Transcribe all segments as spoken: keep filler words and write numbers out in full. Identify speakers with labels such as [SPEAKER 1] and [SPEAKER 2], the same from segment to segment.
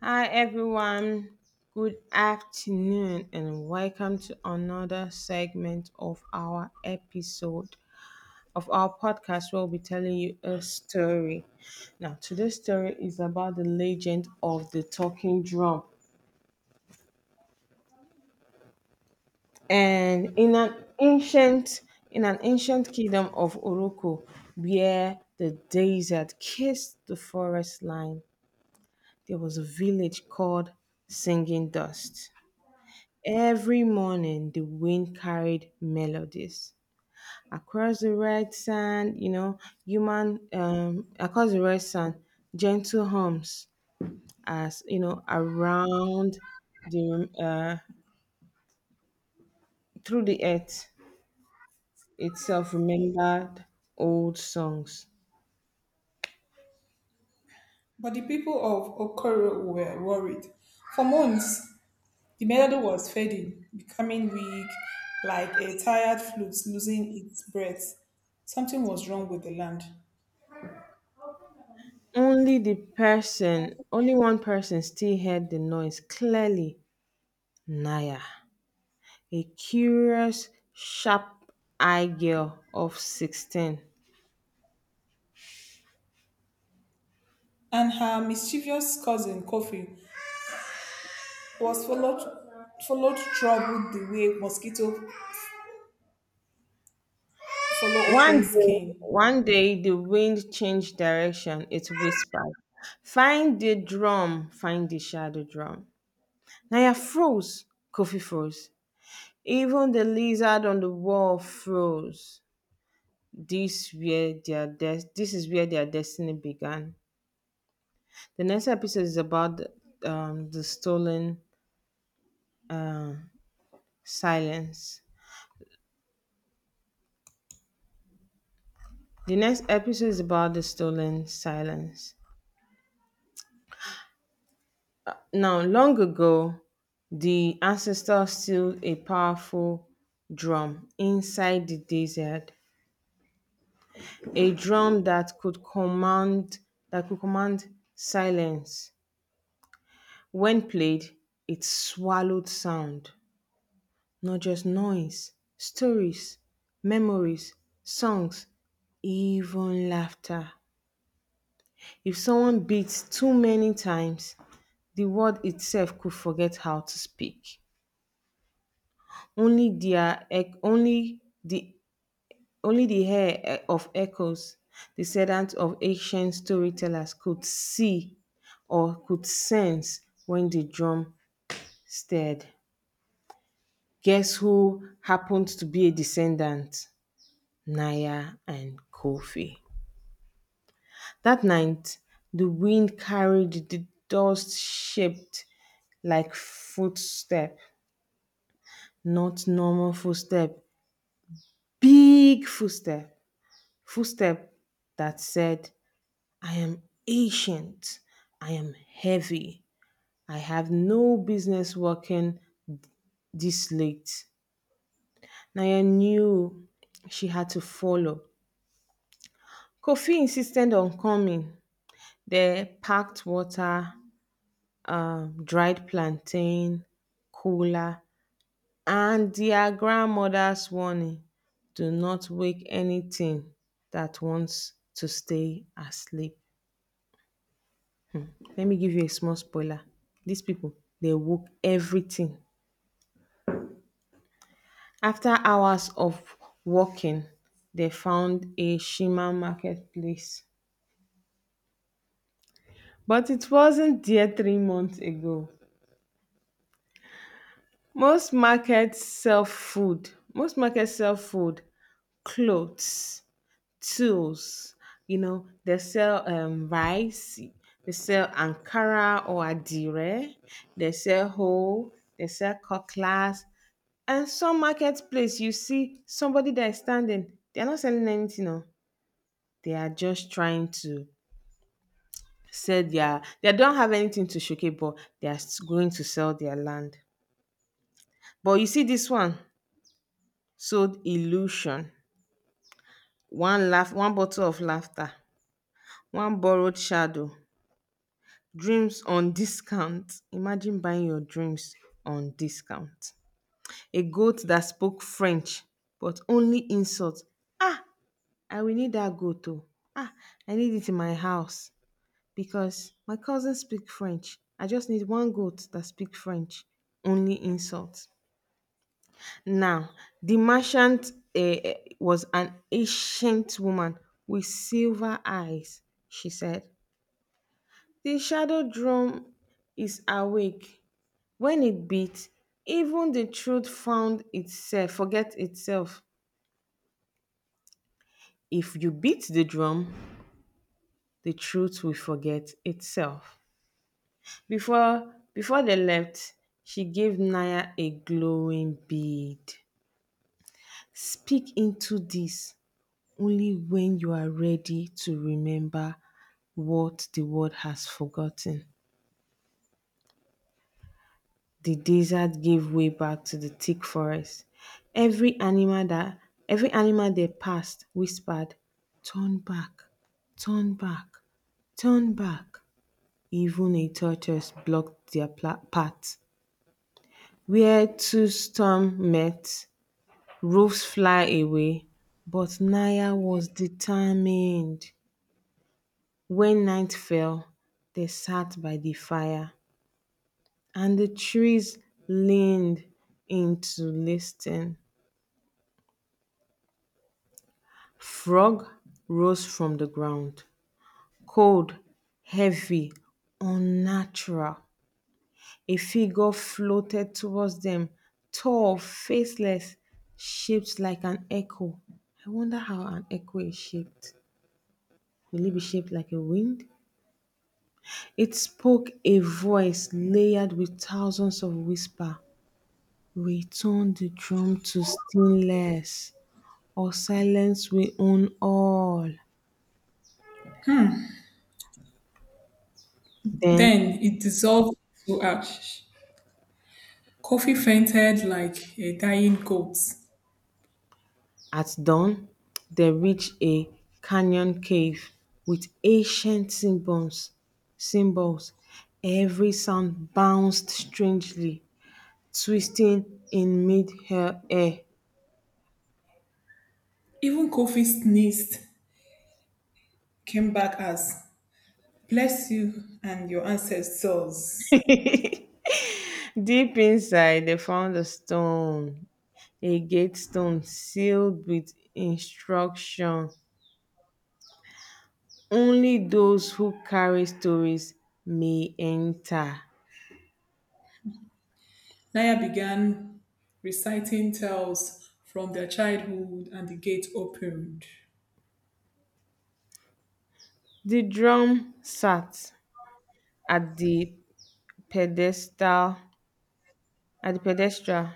[SPEAKER 1] Hi everyone, good afternoon and welcome to another segment of our episode of our podcast where we'll be telling you a story. Now, today's story is about the legend of the talking drum. And in an ancient in an ancient kingdom of Oroko, where the desert kissed the forest line, there was a village called Singing Dust. Every morning, the wind carried melodies across the red sand. You know, human um, Across the red sand, gentle hums as you know around the uh, through the earth itself, remembered old songs.
[SPEAKER 2] But the people of Okoro were worried. For months, the melody was fading, becoming weak, like a tired flute losing its breath. Something was wrong with the land.
[SPEAKER 1] Only the person, only one person still heard the noise clearly. Naya, a curious, sharp-eyed girl of sixteen.
[SPEAKER 2] And her mischievous cousin, Kofi, was followed, followed troubled the way mosquito follow
[SPEAKER 1] One
[SPEAKER 2] open
[SPEAKER 1] day,
[SPEAKER 2] skin.
[SPEAKER 1] one day the wind changed direction. It whispered, "Find the drum, find the shadow drum." Naya froze. Coffee froze. Even the lizard on the wall froze. This where their des- this is where their destiny began. The next episode is about the, um, the stolen uh, silence. The next episode is about the stolen silence. Now, long ago, the ancestors still a powerful drum inside the desert, a drum that could command that could command silence. When played, it swallowed sound, not just noise, stories, memories, songs, even laughter. If someone beats too many times, the word itself could forget how to speak. Only their ec- only the only the hair eh, of echoes, descendants of ancient storytellers, could see or could sense when the drum stirred. Guess who happened to be a descendant? Naya and Kofi. That night, the wind carried the dust shaped like footstep, not normal footstep, big footstep, footstep that said, "I am ancient. I am heavy. I have no business working this late." Naya knew she had to follow. Kofi insisted on coming. They packed water, um, dried plantain, cola, and their grandmother's warning, "Do not wake anything that wants to stay asleep." Let me give you a small spoiler. These people, they woke everything. After hours of walking, they found a Shima marketplace. But it wasn't there three months ago. Most markets sell food. Most markets sell food, clothes, tools. You know, they sell um, rice, they sell Ankara or Adire, they sell hoe, they sell cutlass. And some marketplace, you see somebody that is standing, they're not selling anything. Oh, they are just trying to sell their they don't have anything to showcase, but they are s- going to sell their land. But you see, this one sold illusion, one laugh, one bottle of laughter, one borrowed shadow, dreams on discount. Imagine buying your dreams on discount, a goat that spoke French but only insult. Ah, I will need that goat. Oh, ah, I need it in my house because my cousins speak French. I just need one goat that speak French, only insults. Now, the merchant eh, eh, was an ancient woman with silver eyes. She said, "The shadow drum is awake. When it beats, even the truth found itself, forget itself. If you beat the drum, the truth will forget itself." Before before they left, she gave Naya a glowing bead. "Speak into this only when you are ready to remember what the world has forgotten." The desert gave way back to the thick forest. Every animal that every animal they passed whispered, "Turn back, turn back, turn back." Even a tortoise blocked their pla- path. Where two storms met, roofs fly away, but Naya was determined. When night fell, they sat by the fire and the trees leaned in to listen. Frog rose from the ground, cold, heavy, unnatural. A figure floated towards them, tall, faceless, shaped like an echo. I wonder how an echo is shaped. Will it be shaped like a wind? It spoke, a voice layered with thousands of whispers. "Return the drum to stillness, or silence will own all." Then,
[SPEAKER 2] Then it dissolved to ash. Kofi fainted like a dying goat.
[SPEAKER 1] at dawn, they reached a canyon cave with ancient symbols. Symbols. Every sound bounced strangely, twisting in mid-air.
[SPEAKER 2] Even Kofi sneezed, came back as bless you and your ancestors.
[SPEAKER 1] Deep inside, they found a stone agate stone sealed with instruction, "Only those who carry stories may enter."
[SPEAKER 2] Naya began reciting tales from their childhood and the gate opened.
[SPEAKER 1] The drum sat at the pedestal at the pedestal,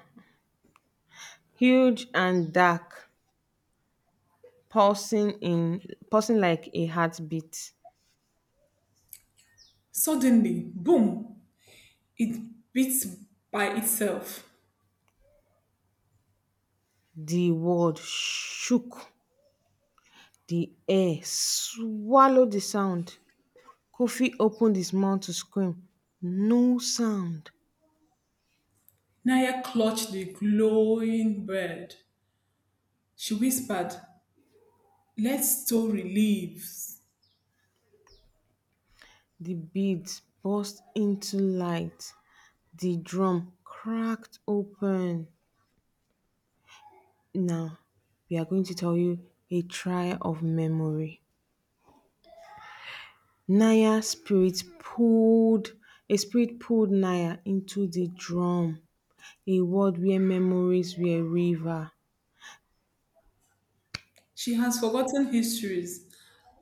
[SPEAKER 1] huge and dark, pulsing in pulsing like a heartbeat.
[SPEAKER 2] Suddenly, boom, it beat by itself.
[SPEAKER 1] The world shook. The air swallowed the sound. Kofi opened his mouth to scream. No sound.
[SPEAKER 2] Naya clutched the glowing bird. She whispered, let us story live.
[SPEAKER 1] The beads burst into light, the drum cracked open. Now, we are going to tell you a trial of memory. Naya's spirit pulled a spirit pulled Naya into the drum, a world where memories were a river.
[SPEAKER 2] She has forgotten histories,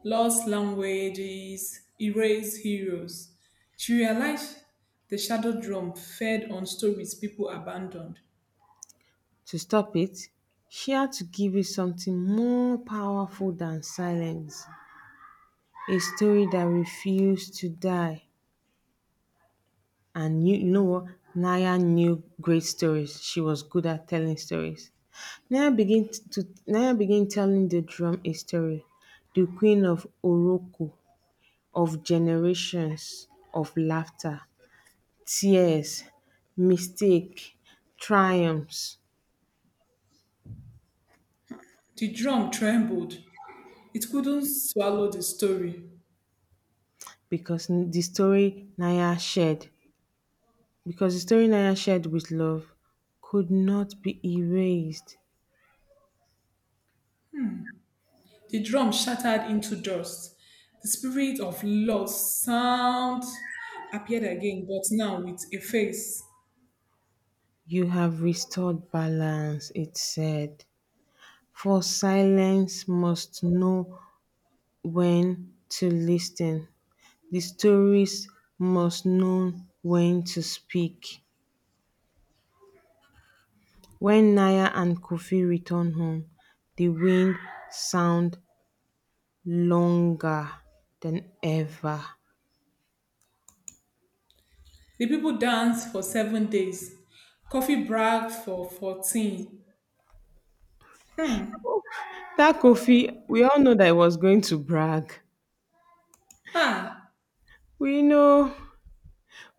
[SPEAKER 2] lost languages, erased heroes. She realized the shadow drum fed on stories people abandoned.
[SPEAKER 1] To stop it, she had to give it something more powerful than silence, a story that refused to die. And you, you know what? Naya knew great stories. She was good at telling stories. Naya began to Naya began telling the drum a story, the queen of Oroku, of generations of laughter, tears, mistake, triumphs.
[SPEAKER 2] The drum trembled. It couldn't swallow the story.
[SPEAKER 1] Because n- the story Naya shared, because the story Naya shared with love could not be erased.
[SPEAKER 2] The drum shattered into dust. The spirit of lost sound appeared again, but now with a face.
[SPEAKER 1] "You have restored balance," it said, "for silence must know when to listen. The stories must know when to speak." When Naya and Kofi returned home, the wind sound longer than ever.
[SPEAKER 2] The people danced for seven days. Coffee bragged for fourteen.
[SPEAKER 1] That Kofi, we all know that he was going to brag.
[SPEAKER 2] Ah,
[SPEAKER 1] We know,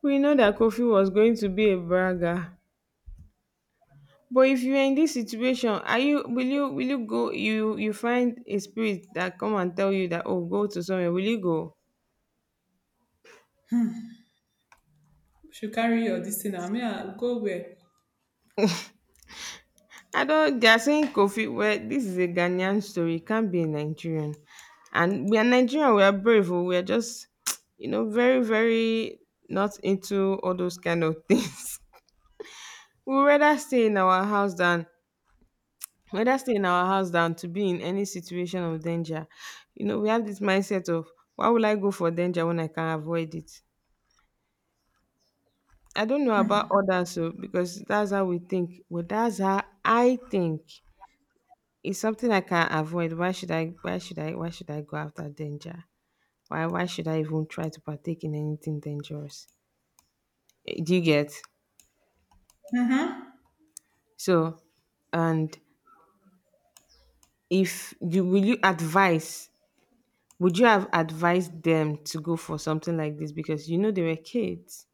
[SPEAKER 1] we know that Kofi was going to be a bragger. But if you are in this situation, are you will you will you go you you find a spirit that come and tell you that, oh, go to somewhere, will you go?
[SPEAKER 2] should carry your this thing now. Me, I go where?
[SPEAKER 1] I don't, they are saying Kofi, well, this is a Ghanaian story, it can't be a Nigerian. And we are Nigerian, we are brave, oh, we are just you know very, very not into all those kind of things. We rather stay in our house than rather stay in our house than to be in any situation of danger. You know, we have this mindset of, why will I go for danger when I can avoid it? I don't know about others, so because that's how we think. Well, that's how I think. It's something I can't avoid. Why should I? Why should I? Why should I go after danger? Why? Why should I even try to partake in anything dangerous? Eh, Do you get?
[SPEAKER 2] Mm-hmm.
[SPEAKER 1] So, and if you will you advise? Would you have advised them to go for something like this because you know they were kids?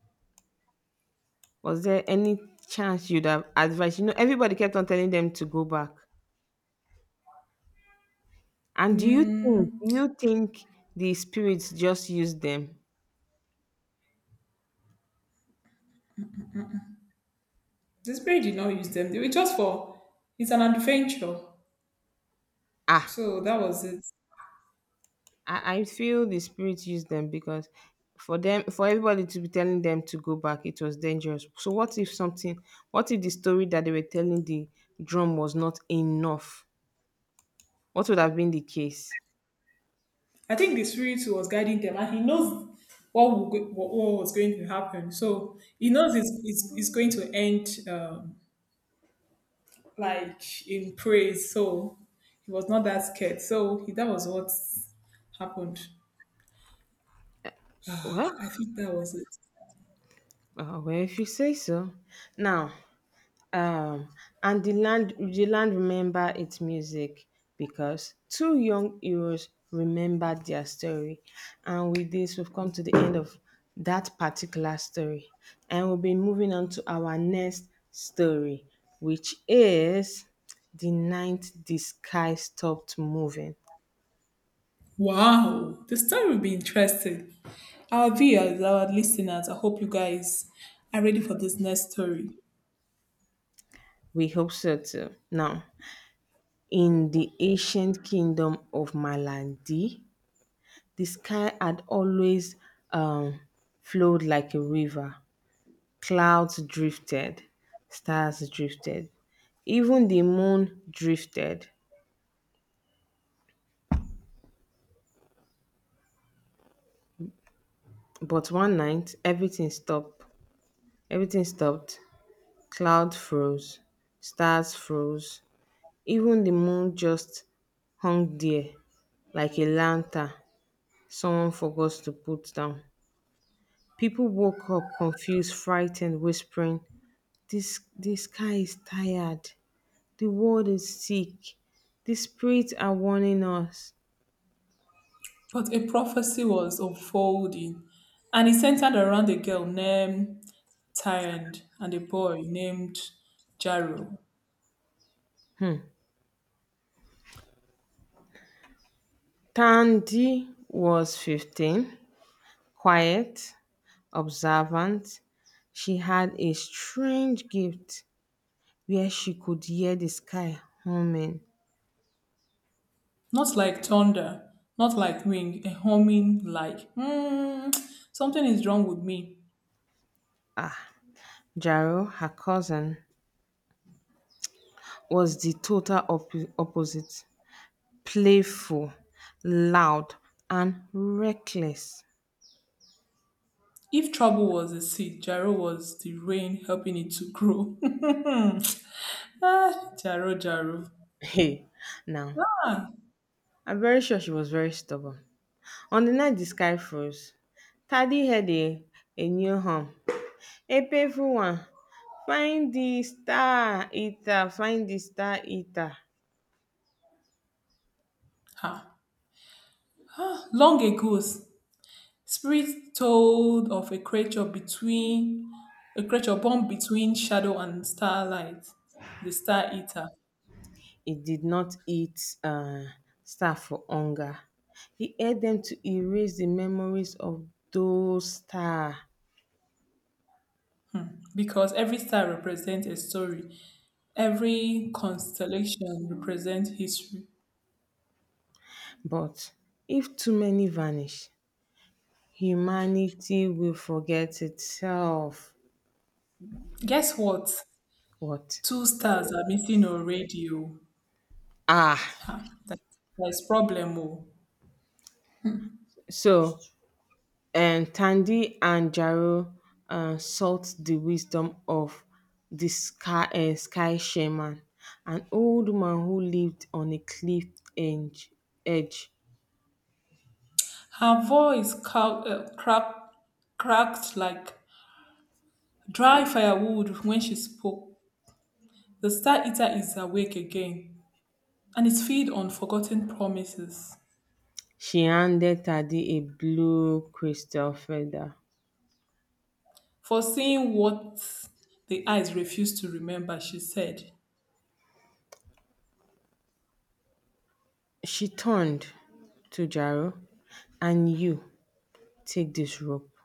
[SPEAKER 1] Was there any chance you'd have advised? You know, everybody kept on telling them to go back. And do you think
[SPEAKER 2] Mm,
[SPEAKER 1] do you think the spirits just use them?
[SPEAKER 2] the spirit did not use them. They were just for it's an adventure.
[SPEAKER 1] Ah,
[SPEAKER 2] So that was it.
[SPEAKER 1] I, I feel the spirits use them because for them for everybody to be telling them to go back, it was dangerous. So what if something what if the story that they were telling the drum was not enough? What would have been the case?
[SPEAKER 2] I think the spirit was guiding them, and he knows what will go, what, what was going to happen. So he knows it's it's, it's going to end um, like in praise. So he was not that scared. So he, that was what happened.
[SPEAKER 1] Well,
[SPEAKER 2] I think that was it.
[SPEAKER 1] uh, well, if you say so. Now, Um, and the land the land remember its music because two young heroes remembered their story. And with this, we've come to the end of that particular story. And we'll be moving on to our next story, which is "The Night the Sky Stopped Moving."
[SPEAKER 2] Wow, the story will be interesting. Our viewers, our listeners, I hope you guys are ready for this next story.
[SPEAKER 1] We hope so too. Now, in the ancient kingdom of Malandi, the sky had always um, flowed like a river. Clouds drifted, stars drifted, even the moon drifted. But one night, everything stopped. Everything stopped. Cloud froze, stars froze, even the moon just hung there like a lantern someone forgot to put down. People woke up confused, frightened, whispering, This, this sky is tired. The world is sick. The spirits are warning us."
[SPEAKER 2] But a prophecy was unfolding, and it centered around a girl named Tyrant and a boy named Jaro.
[SPEAKER 1] Hmm. Tandy was fifteen, quiet, observant. She had a strange gift where she could hear the sky humming.
[SPEAKER 2] Not like thunder, not like wing, a humming like, hmm, something is wrong with me.
[SPEAKER 1] Ah, Jaro, her cousin, was the total oppo- opposite. Playful, loud, and reckless.
[SPEAKER 2] If trouble was a seed, Jaro was the rain helping it to grow. Ah, Jaro, Jaro.
[SPEAKER 1] Hey, now, I'm very sure she was very stubborn. On the night the sky froze, Tade heard a, a new hum, a painful one. "Find the star eater, find the star eater."
[SPEAKER 2] Ha. Long ago, spirits told of a creature between a creature born between shadow and starlight, the star eater.
[SPEAKER 1] It did not eat uh, star for hunger. He helped them to erase the memories of those star.
[SPEAKER 2] Because every star represents a story, every constellation represents history.
[SPEAKER 1] But if too many vanish, humanity will forget itself.
[SPEAKER 2] Guess what?
[SPEAKER 1] What?
[SPEAKER 2] Two stars are missing already. Oh,
[SPEAKER 1] Ah.
[SPEAKER 2] ha, that, that's problem. Oh,
[SPEAKER 1] So, and Thandi and Jaro uh, sought the wisdom of the sky, uh, sky shaman, an old woman who lived on a cliff edge. edge.
[SPEAKER 2] her voice ca- uh, crack, cracked like dry firewood when she spoke. The star eater is awake again. And it's feed on forgotten promises.
[SPEAKER 1] She handed Thandi a blue crystal feather.
[SPEAKER 2] Foreseeing what the eyes refused to remember, she said.
[SPEAKER 1] She turned to Jaro, "And you take this rope."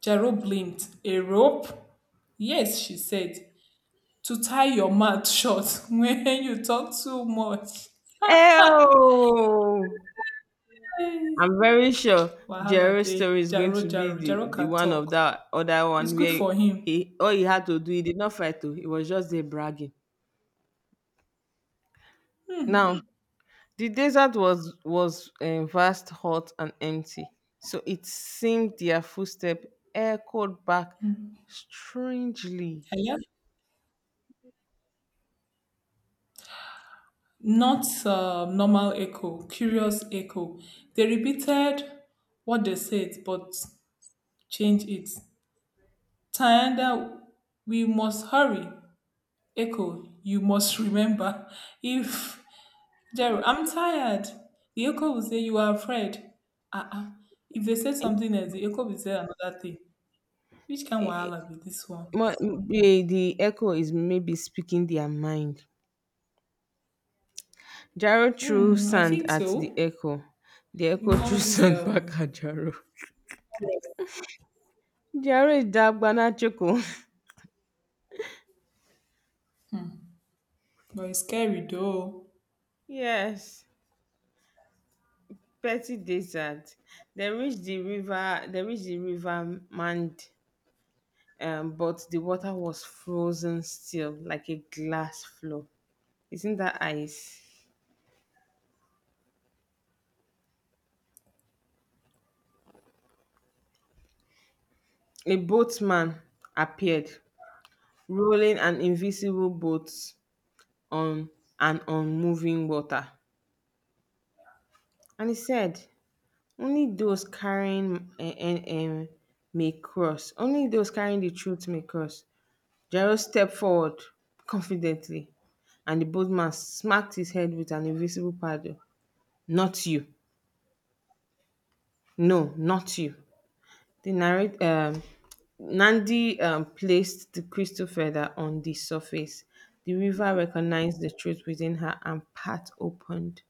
[SPEAKER 2] Jaro blinked. A rope? Yes, she said. To tie your mouth shut when you talk too much.
[SPEAKER 1] Oh! I'm very sure
[SPEAKER 2] Wahala
[SPEAKER 1] Jerry's story
[SPEAKER 2] day.
[SPEAKER 1] is going
[SPEAKER 2] Jaro,
[SPEAKER 1] to be
[SPEAKER 2] Jaro.
[SPEAKER 1] the,
[SPEAKER 2] Jaro
[SPEAKER 1] the
[SPEAKER 2] can
[SPEAKER 1] one of
[SPEAKER 2] talk.
[SPEAKER 1] that other
[SPEAKER 2] It's
[SPEAKER 1] one
[SPEAKER 2] good
[SPEAKER 1] where
[SPEAKER 2] for him.
[SPEAKER 1] he all he had to do, he did not fight to, he was just there bragging. Now, the desert was was um, vast, hot, and empty. So it seemed their footstep echoed back strangely.
[SPEAKER 2] Hello? Not uh, normal echo, curious echo. They repeated what they said, but changed it. Tayanda, we must hurry. Echo, you must remember. If Jerry, I'm tired. The echo will say you are afraid. Ah, uh-uh. If they say
[SPEAKER 1] It
[SPEAKER 2] something else, the echo will say another thing. Which can wahala be this one?
[SPEAKER 1] mu- The, the echo is maybe speaking their mind. Jaro threw
[SPEAKER 2] Hmm, I
[SPEAKER 1] sand
[SPEAKER 2] think
[SPEAKER 1] at the
[SPEAKER 2] so.
[SPEAKER 1] echo. The
[SPEAKER 2] You
[SPEAKER 1] echo
[SPEAKER 2] know
[SPEAKER 1] threw
[SPEAKER 2] all these
[SPEAKER 1] sand
[SPEAKER 2] um
[SPEAKER 1] back at Jaro. Dare Dagbanajiko
[SPEAKER 2] but it's scary though.
[SPEAKER 1] yes, petty desert. They reached the river, they reached the river Mand, um, but the water was frozen still, like a glass floor. Isn't that ice? A boatman appeared, rolling an invisible boat on an unmoving water. And he said, only those carrying eh, eh, eh, may cross. Only those carrying the truth may cross. Jairus stepped forward confidently, and the bold man smacked his head with an invisible paddle. Not you. No, not you. The narrate, um, Nandi um, placed the crystal feather on the surface. The river recognized the truth within her and path opened.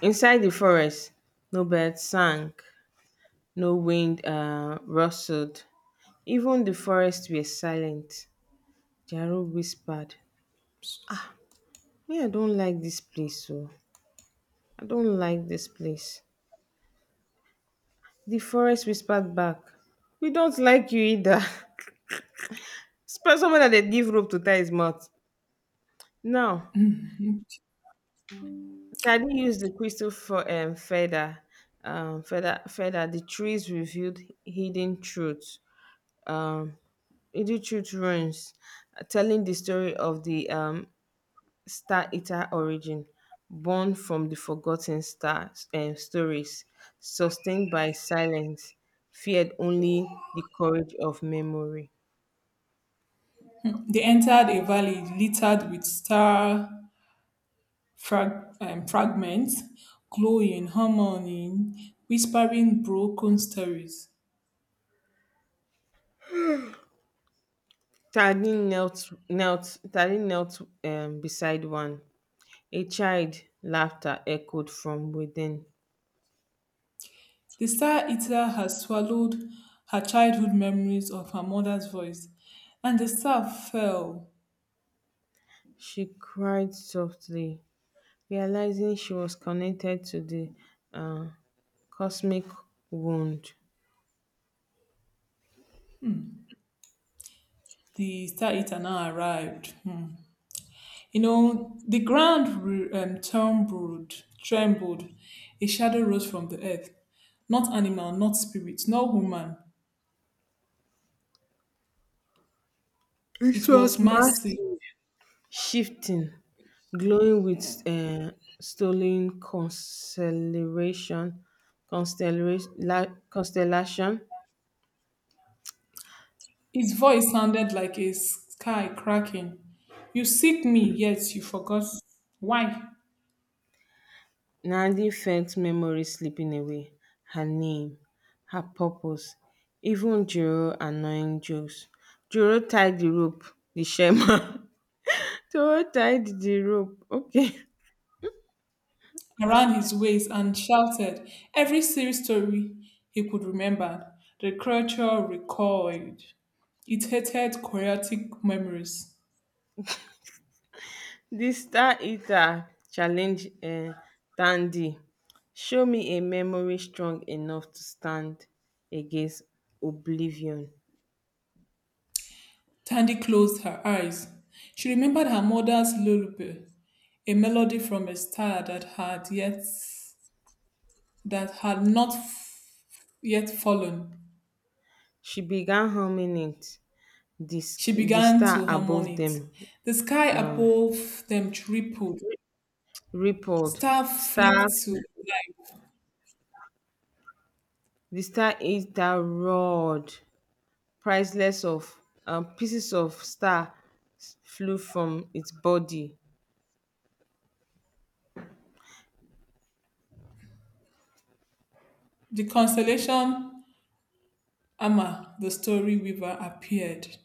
[SPEAKER 1] Inside the forest, no birds sang, no wind uh, rustled. Even the forests were silent. Jaro whispered, me, I don't like this place, so I don't like this place. The forest whispered back. We don't like you either. Spell someone that they give rope to tie his mouth. Now, Tadi used the crystal for um, feather, um, feather, feather. The trees revealed hidden truths. Um, Hidden truth ruins, telling the story of the um, Star-Eater origin, born from the forgotten star um, stories, sustained by silence, feared only the courage of memory.
[SPEAKER 2] They entered a valley littered with star frag- um, fragments, glowing, harmony, whispering broken stories.
[SPEAKER 1] Tardin knelt, knelt, Tardin knelt um, beside one. A child laughter echoed from within.
[SPEAKER 2] The star-eater has swallowed her childhood memories of her mother's voice, and the star fell.
[SPEAKER 1] She cried softly, realizing she was connected to the uh, cosmic wound.
[SPEAKER 2] The star-eater now arrived. Hmm. You know, the ground re- um, trembled, trembled. A shadow rose from the earth. Not animal, not spirit, not woman.
[SPEAKER 1] It
[SPEAKER 2] It was
[SPEAKER 1] was
[SPEAKER 2] mercy.
[SPEAKER 1] massive, shifting, glowing with um stolen constellation constellation la- constellation.
[SPEAKER 2] Its voice sounded like a sky cracking. You seek me, yet you forgot. Why?
[SPEAKER 1] Nandi felt memories slipping away. Her name, her purpose, even Jiro annoying jokes. Jiro tied the rope, the shaman. Jiro tied the rope. Okay.
[SPEAKER 2] Around his waist and shouted every serious story he could remember. The creature recoiled. It hated chaotic memories.
[SPEAKER 1] Di star eater challenge um tandii, show me a memory strong enough to stand against oblivion.
[SPEAKER 2] Tandy closed her eyes. She remembered her mother's lullaby, a melody from a star that had yet that had not f- yet fallen.
[SPEAKER 1] She began humming it. di
[SPEAKER 2] She
[SPEAKER 1] di
[SPEAKER 2] began
[SPEAKER 1] star
[SPEAKER 2] to hum
[SPEAKER 1] above dem
[SPEAKER 2] it. The sky
[SPEAKER 1] um
[SPEAKER 2] above them tripled.
[SPEAKER 1] rippled
[SPEAKER 2] Star flicked
[SPEAKER 1] stars.
[SPEAKER 2] to life.
[SPEAKER 1] Di star eater roared, priceless of um pieces of stars flew from its body.
[SPEAKER 2] The constellation Amma, the story weaver, appeared.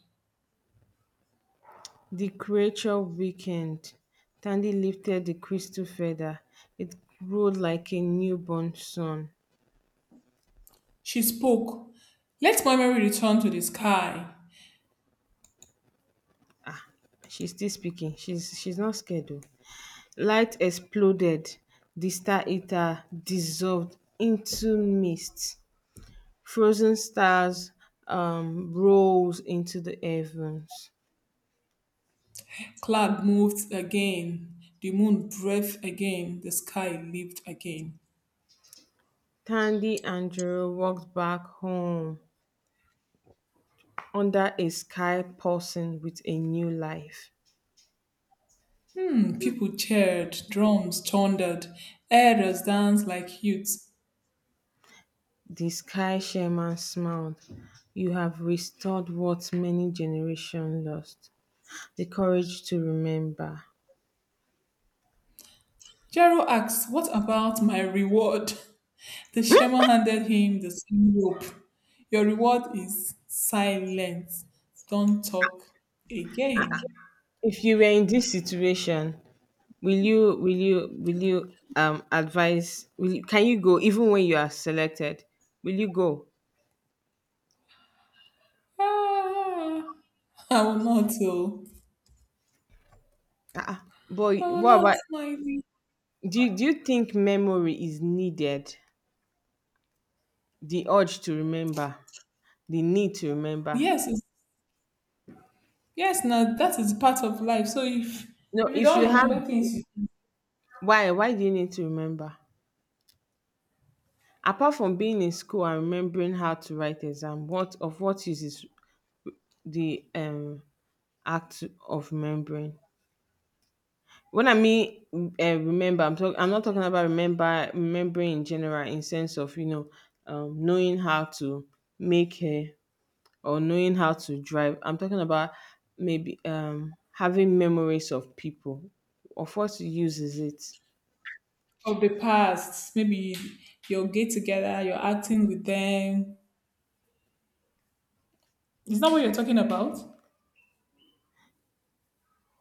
[SPEAKER 1] The creature weakened. Tandy lifted the crystal feather. It glowed like a newborn sun.
[SPEAKER 2] She spoke. Let my memory return to the sky.
[SPEAKER 1] She's still speaking. She's she's not scared though. Light exploded. The star eater dissolved into mist. Frozen stars um rose into the heavens.
[SPEAKER 2] Cloud moved again. The moon breathed again. The sky lived again.
[SPEAKER 1] Tandy and Jiro walked back home under a sky pulsing with a new life.
[SPEAKER 2] Mm, people cheered. Drums thundered. Elders danced like youths.
[SPEAKER 1] The sky chairman smiled. You have restored what many generations lost, the courage to remember.
[SPEAKER 2] Jero asked, what about my reward? The shaman handed him the same rope. Your reward is silence. Don't talk again.
[SPEAKER 1] If you were in this situation, will you, will you, will you um, advise? Will you, can you go even when you are selected? Will you go?
[SPEAKER 2] Ah. I will not. Oh,
[SPEAKER 1] Uh-uh. But
[SPEAKER 2] I will
[SPEAKER 1] what
[SPEAKER 2] not.
[SPEAKER 1] about?
[SPEAKER 2] My
[SPEAKER 1] Do you, do you think memory is needed? The urge to remember, the need to remember.
[SPEAKER 2] yes, it's, yes. Now that is part of life. So if
[SPEAKER 1] No,
[SPEAKER 2] if you
[SPEAKER 1] if
[SPEAKER 2] don't
[SPEAKER 1] you have,
[SPEAKER 2] remember things you-
[SPEAKER 1] why? Why do you need to remember? Apart from being in school and remembering how to write exam, what of what use is the um act of remembering? When I mean uh, remember I'm talking I'm not talking about remember remembering in general, in sense of you know, um, knowing how to make a, or knowing how to drive. I'm talking about maybe um having memories of people. Of what use is it?
[SPEAKER 2] of the past, maybe you'll get together, you're acting with them. Is that what you're talking about?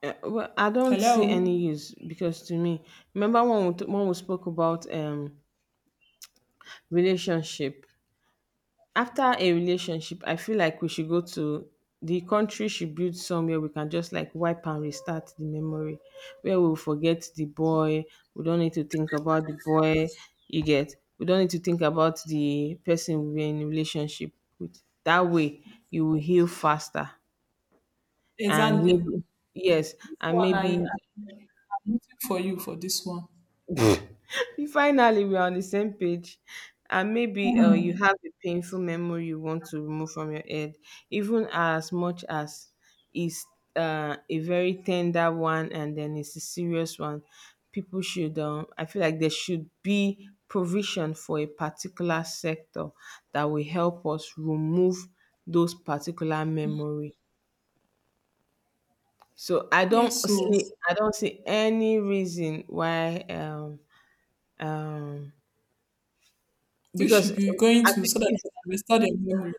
[SPEAKER 1] uh, Well, I don't see any
[SPEAKER 2] Hello.
[SPEAKER 1] use, because to me, remember when we, t- when we spoke about um relationship. After a relationship, I feel like we should go to the country, should build somewhere we can just like wipe and restart the memory where we'll forget the boy. We don't need to think about the boy, you get. We don't need to think about the person we're in a relationship with. That way you will heal faster and
[SPEAKER 2] Exactly.
[SPEAKER 1] maybe yes,
[SPEAKER 2] This
[SPEAKER 1] and
[SPEAKER 2] one I,
[SPEAKER 1] maybe
[SPEAKER 2] I'm waiting for you for this one.
[SPEAKER 1] we finally, we're on the same page. And maybe uh, you
[SPEAKER 2] Mm-hmm.
[SPEAKER 1] have a painful memory you want to remove from your head, even as much as it's uh, a very tender one and then it's a serious one. People should, um, I feel like there should be provision for a particular sector that will help us remove those particular memory. So I don't
[SPEAKER 2] Yes.
[SPEAKER 1] see. Yes.
[SPEAKER 2] So
[SPEAKER 1] I don't see any reason why um um
[SPEAKER 2] you
[SPEAKER 1] because
[SPEAKER 2] should
[SPEAKER 1] as
[SPEAKER 2] be going to
[SPEAKER 1] it
[SPEAKER 2] so that
[SPEAKER 1] is,
[SPEAKER 2] you can restore their memory.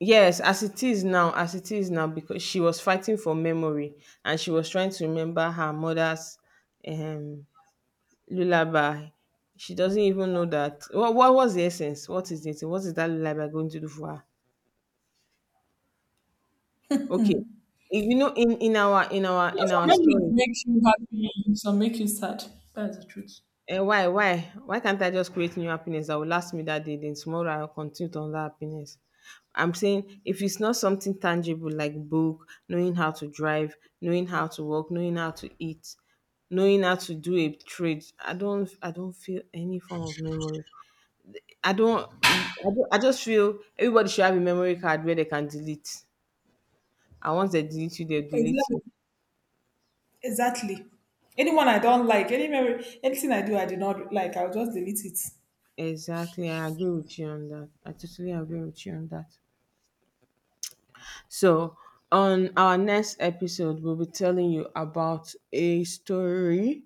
[SPEAKER 1] yes, as it is now, as it is now, because she was fighting for memory and she was trying to remember her mother's um, lullaby. She doesn't even know that. What, what was the essence? What is it? What is that lullaby going to do for her? Okay, you know, in in our in our
[SPEAKER 2] Yeah,
[SPEAKER 1] in
[SPEAKER 2] some
[SPEAKER 1] our
[SPEAKER 2] memories
[SPEAKER 1] story,
[SPEAKER 2] make you happy. Some make you sad. That's the truth.
[SPEAKER 1] and why? Why? Why can't I just create new happiness that will last me that day? Then tomorrow I'll continue to on that happiness. I'm saying if it's not something tangible like book, knowing how to drive, knowing how to work, knowing how to eat, knowing how to do a trade, I don't I don't feel any form of memory. I don't I, don't, I just feel everybody should have a memory card where they can delete. And once they delete you, they'll delete you.
[SPEAKER 2] Exactly. Exactly. Anyone I don't like, any memory, anything I do I did not like, I'll just delete it.
[SPEAKER 1] Exactly. I agree with you on that. I totally agree with you on that. So, on our next episode, we'll be telling you about a story.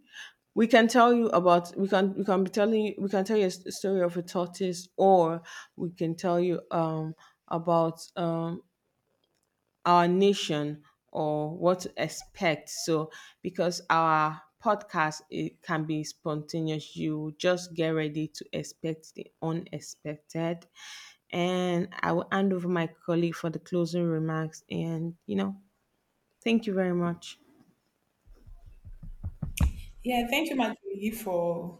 [SPEAKER 1] We can tell you about, we can we can be telling you, we can tell you a s- story of a tortoise, or we can tell you um about um our nation or what to expect. So, because our podcast it can be spontaneous, you just get ready to expect the unexpected. And I will hand over my colleague for the closing remarks. And you know, thank you very much.
[SPEAKER 2] Yeah, thank you, Matthew, for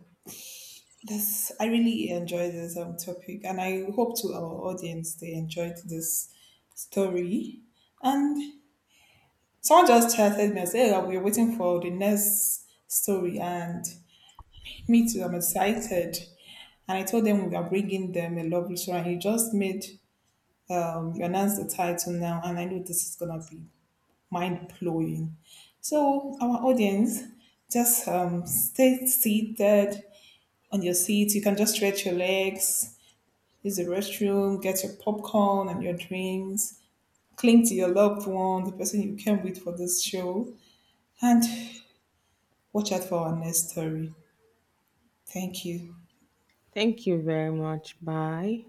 [SPEAKER 2] this. I really enjoyed this um, topic, and I hope to our audience they enjoyed this story. And someone just chatted me and said, "Oh, we're waiting for the next story," and me too. I'm excited. And I told them we are bringing them a lovely story, and you just made um, you announced the title now, and I know this is gonna be mind blowing. So, our audience, just um, stay seated on your seat. You can just stretch your legs, use the restroom, get your popcorn and your drinks, cling to your loved one, the person you came with for this show, and watch out for our next story. Thank you.
[SPEAKER 1] Thank you very much. Bye.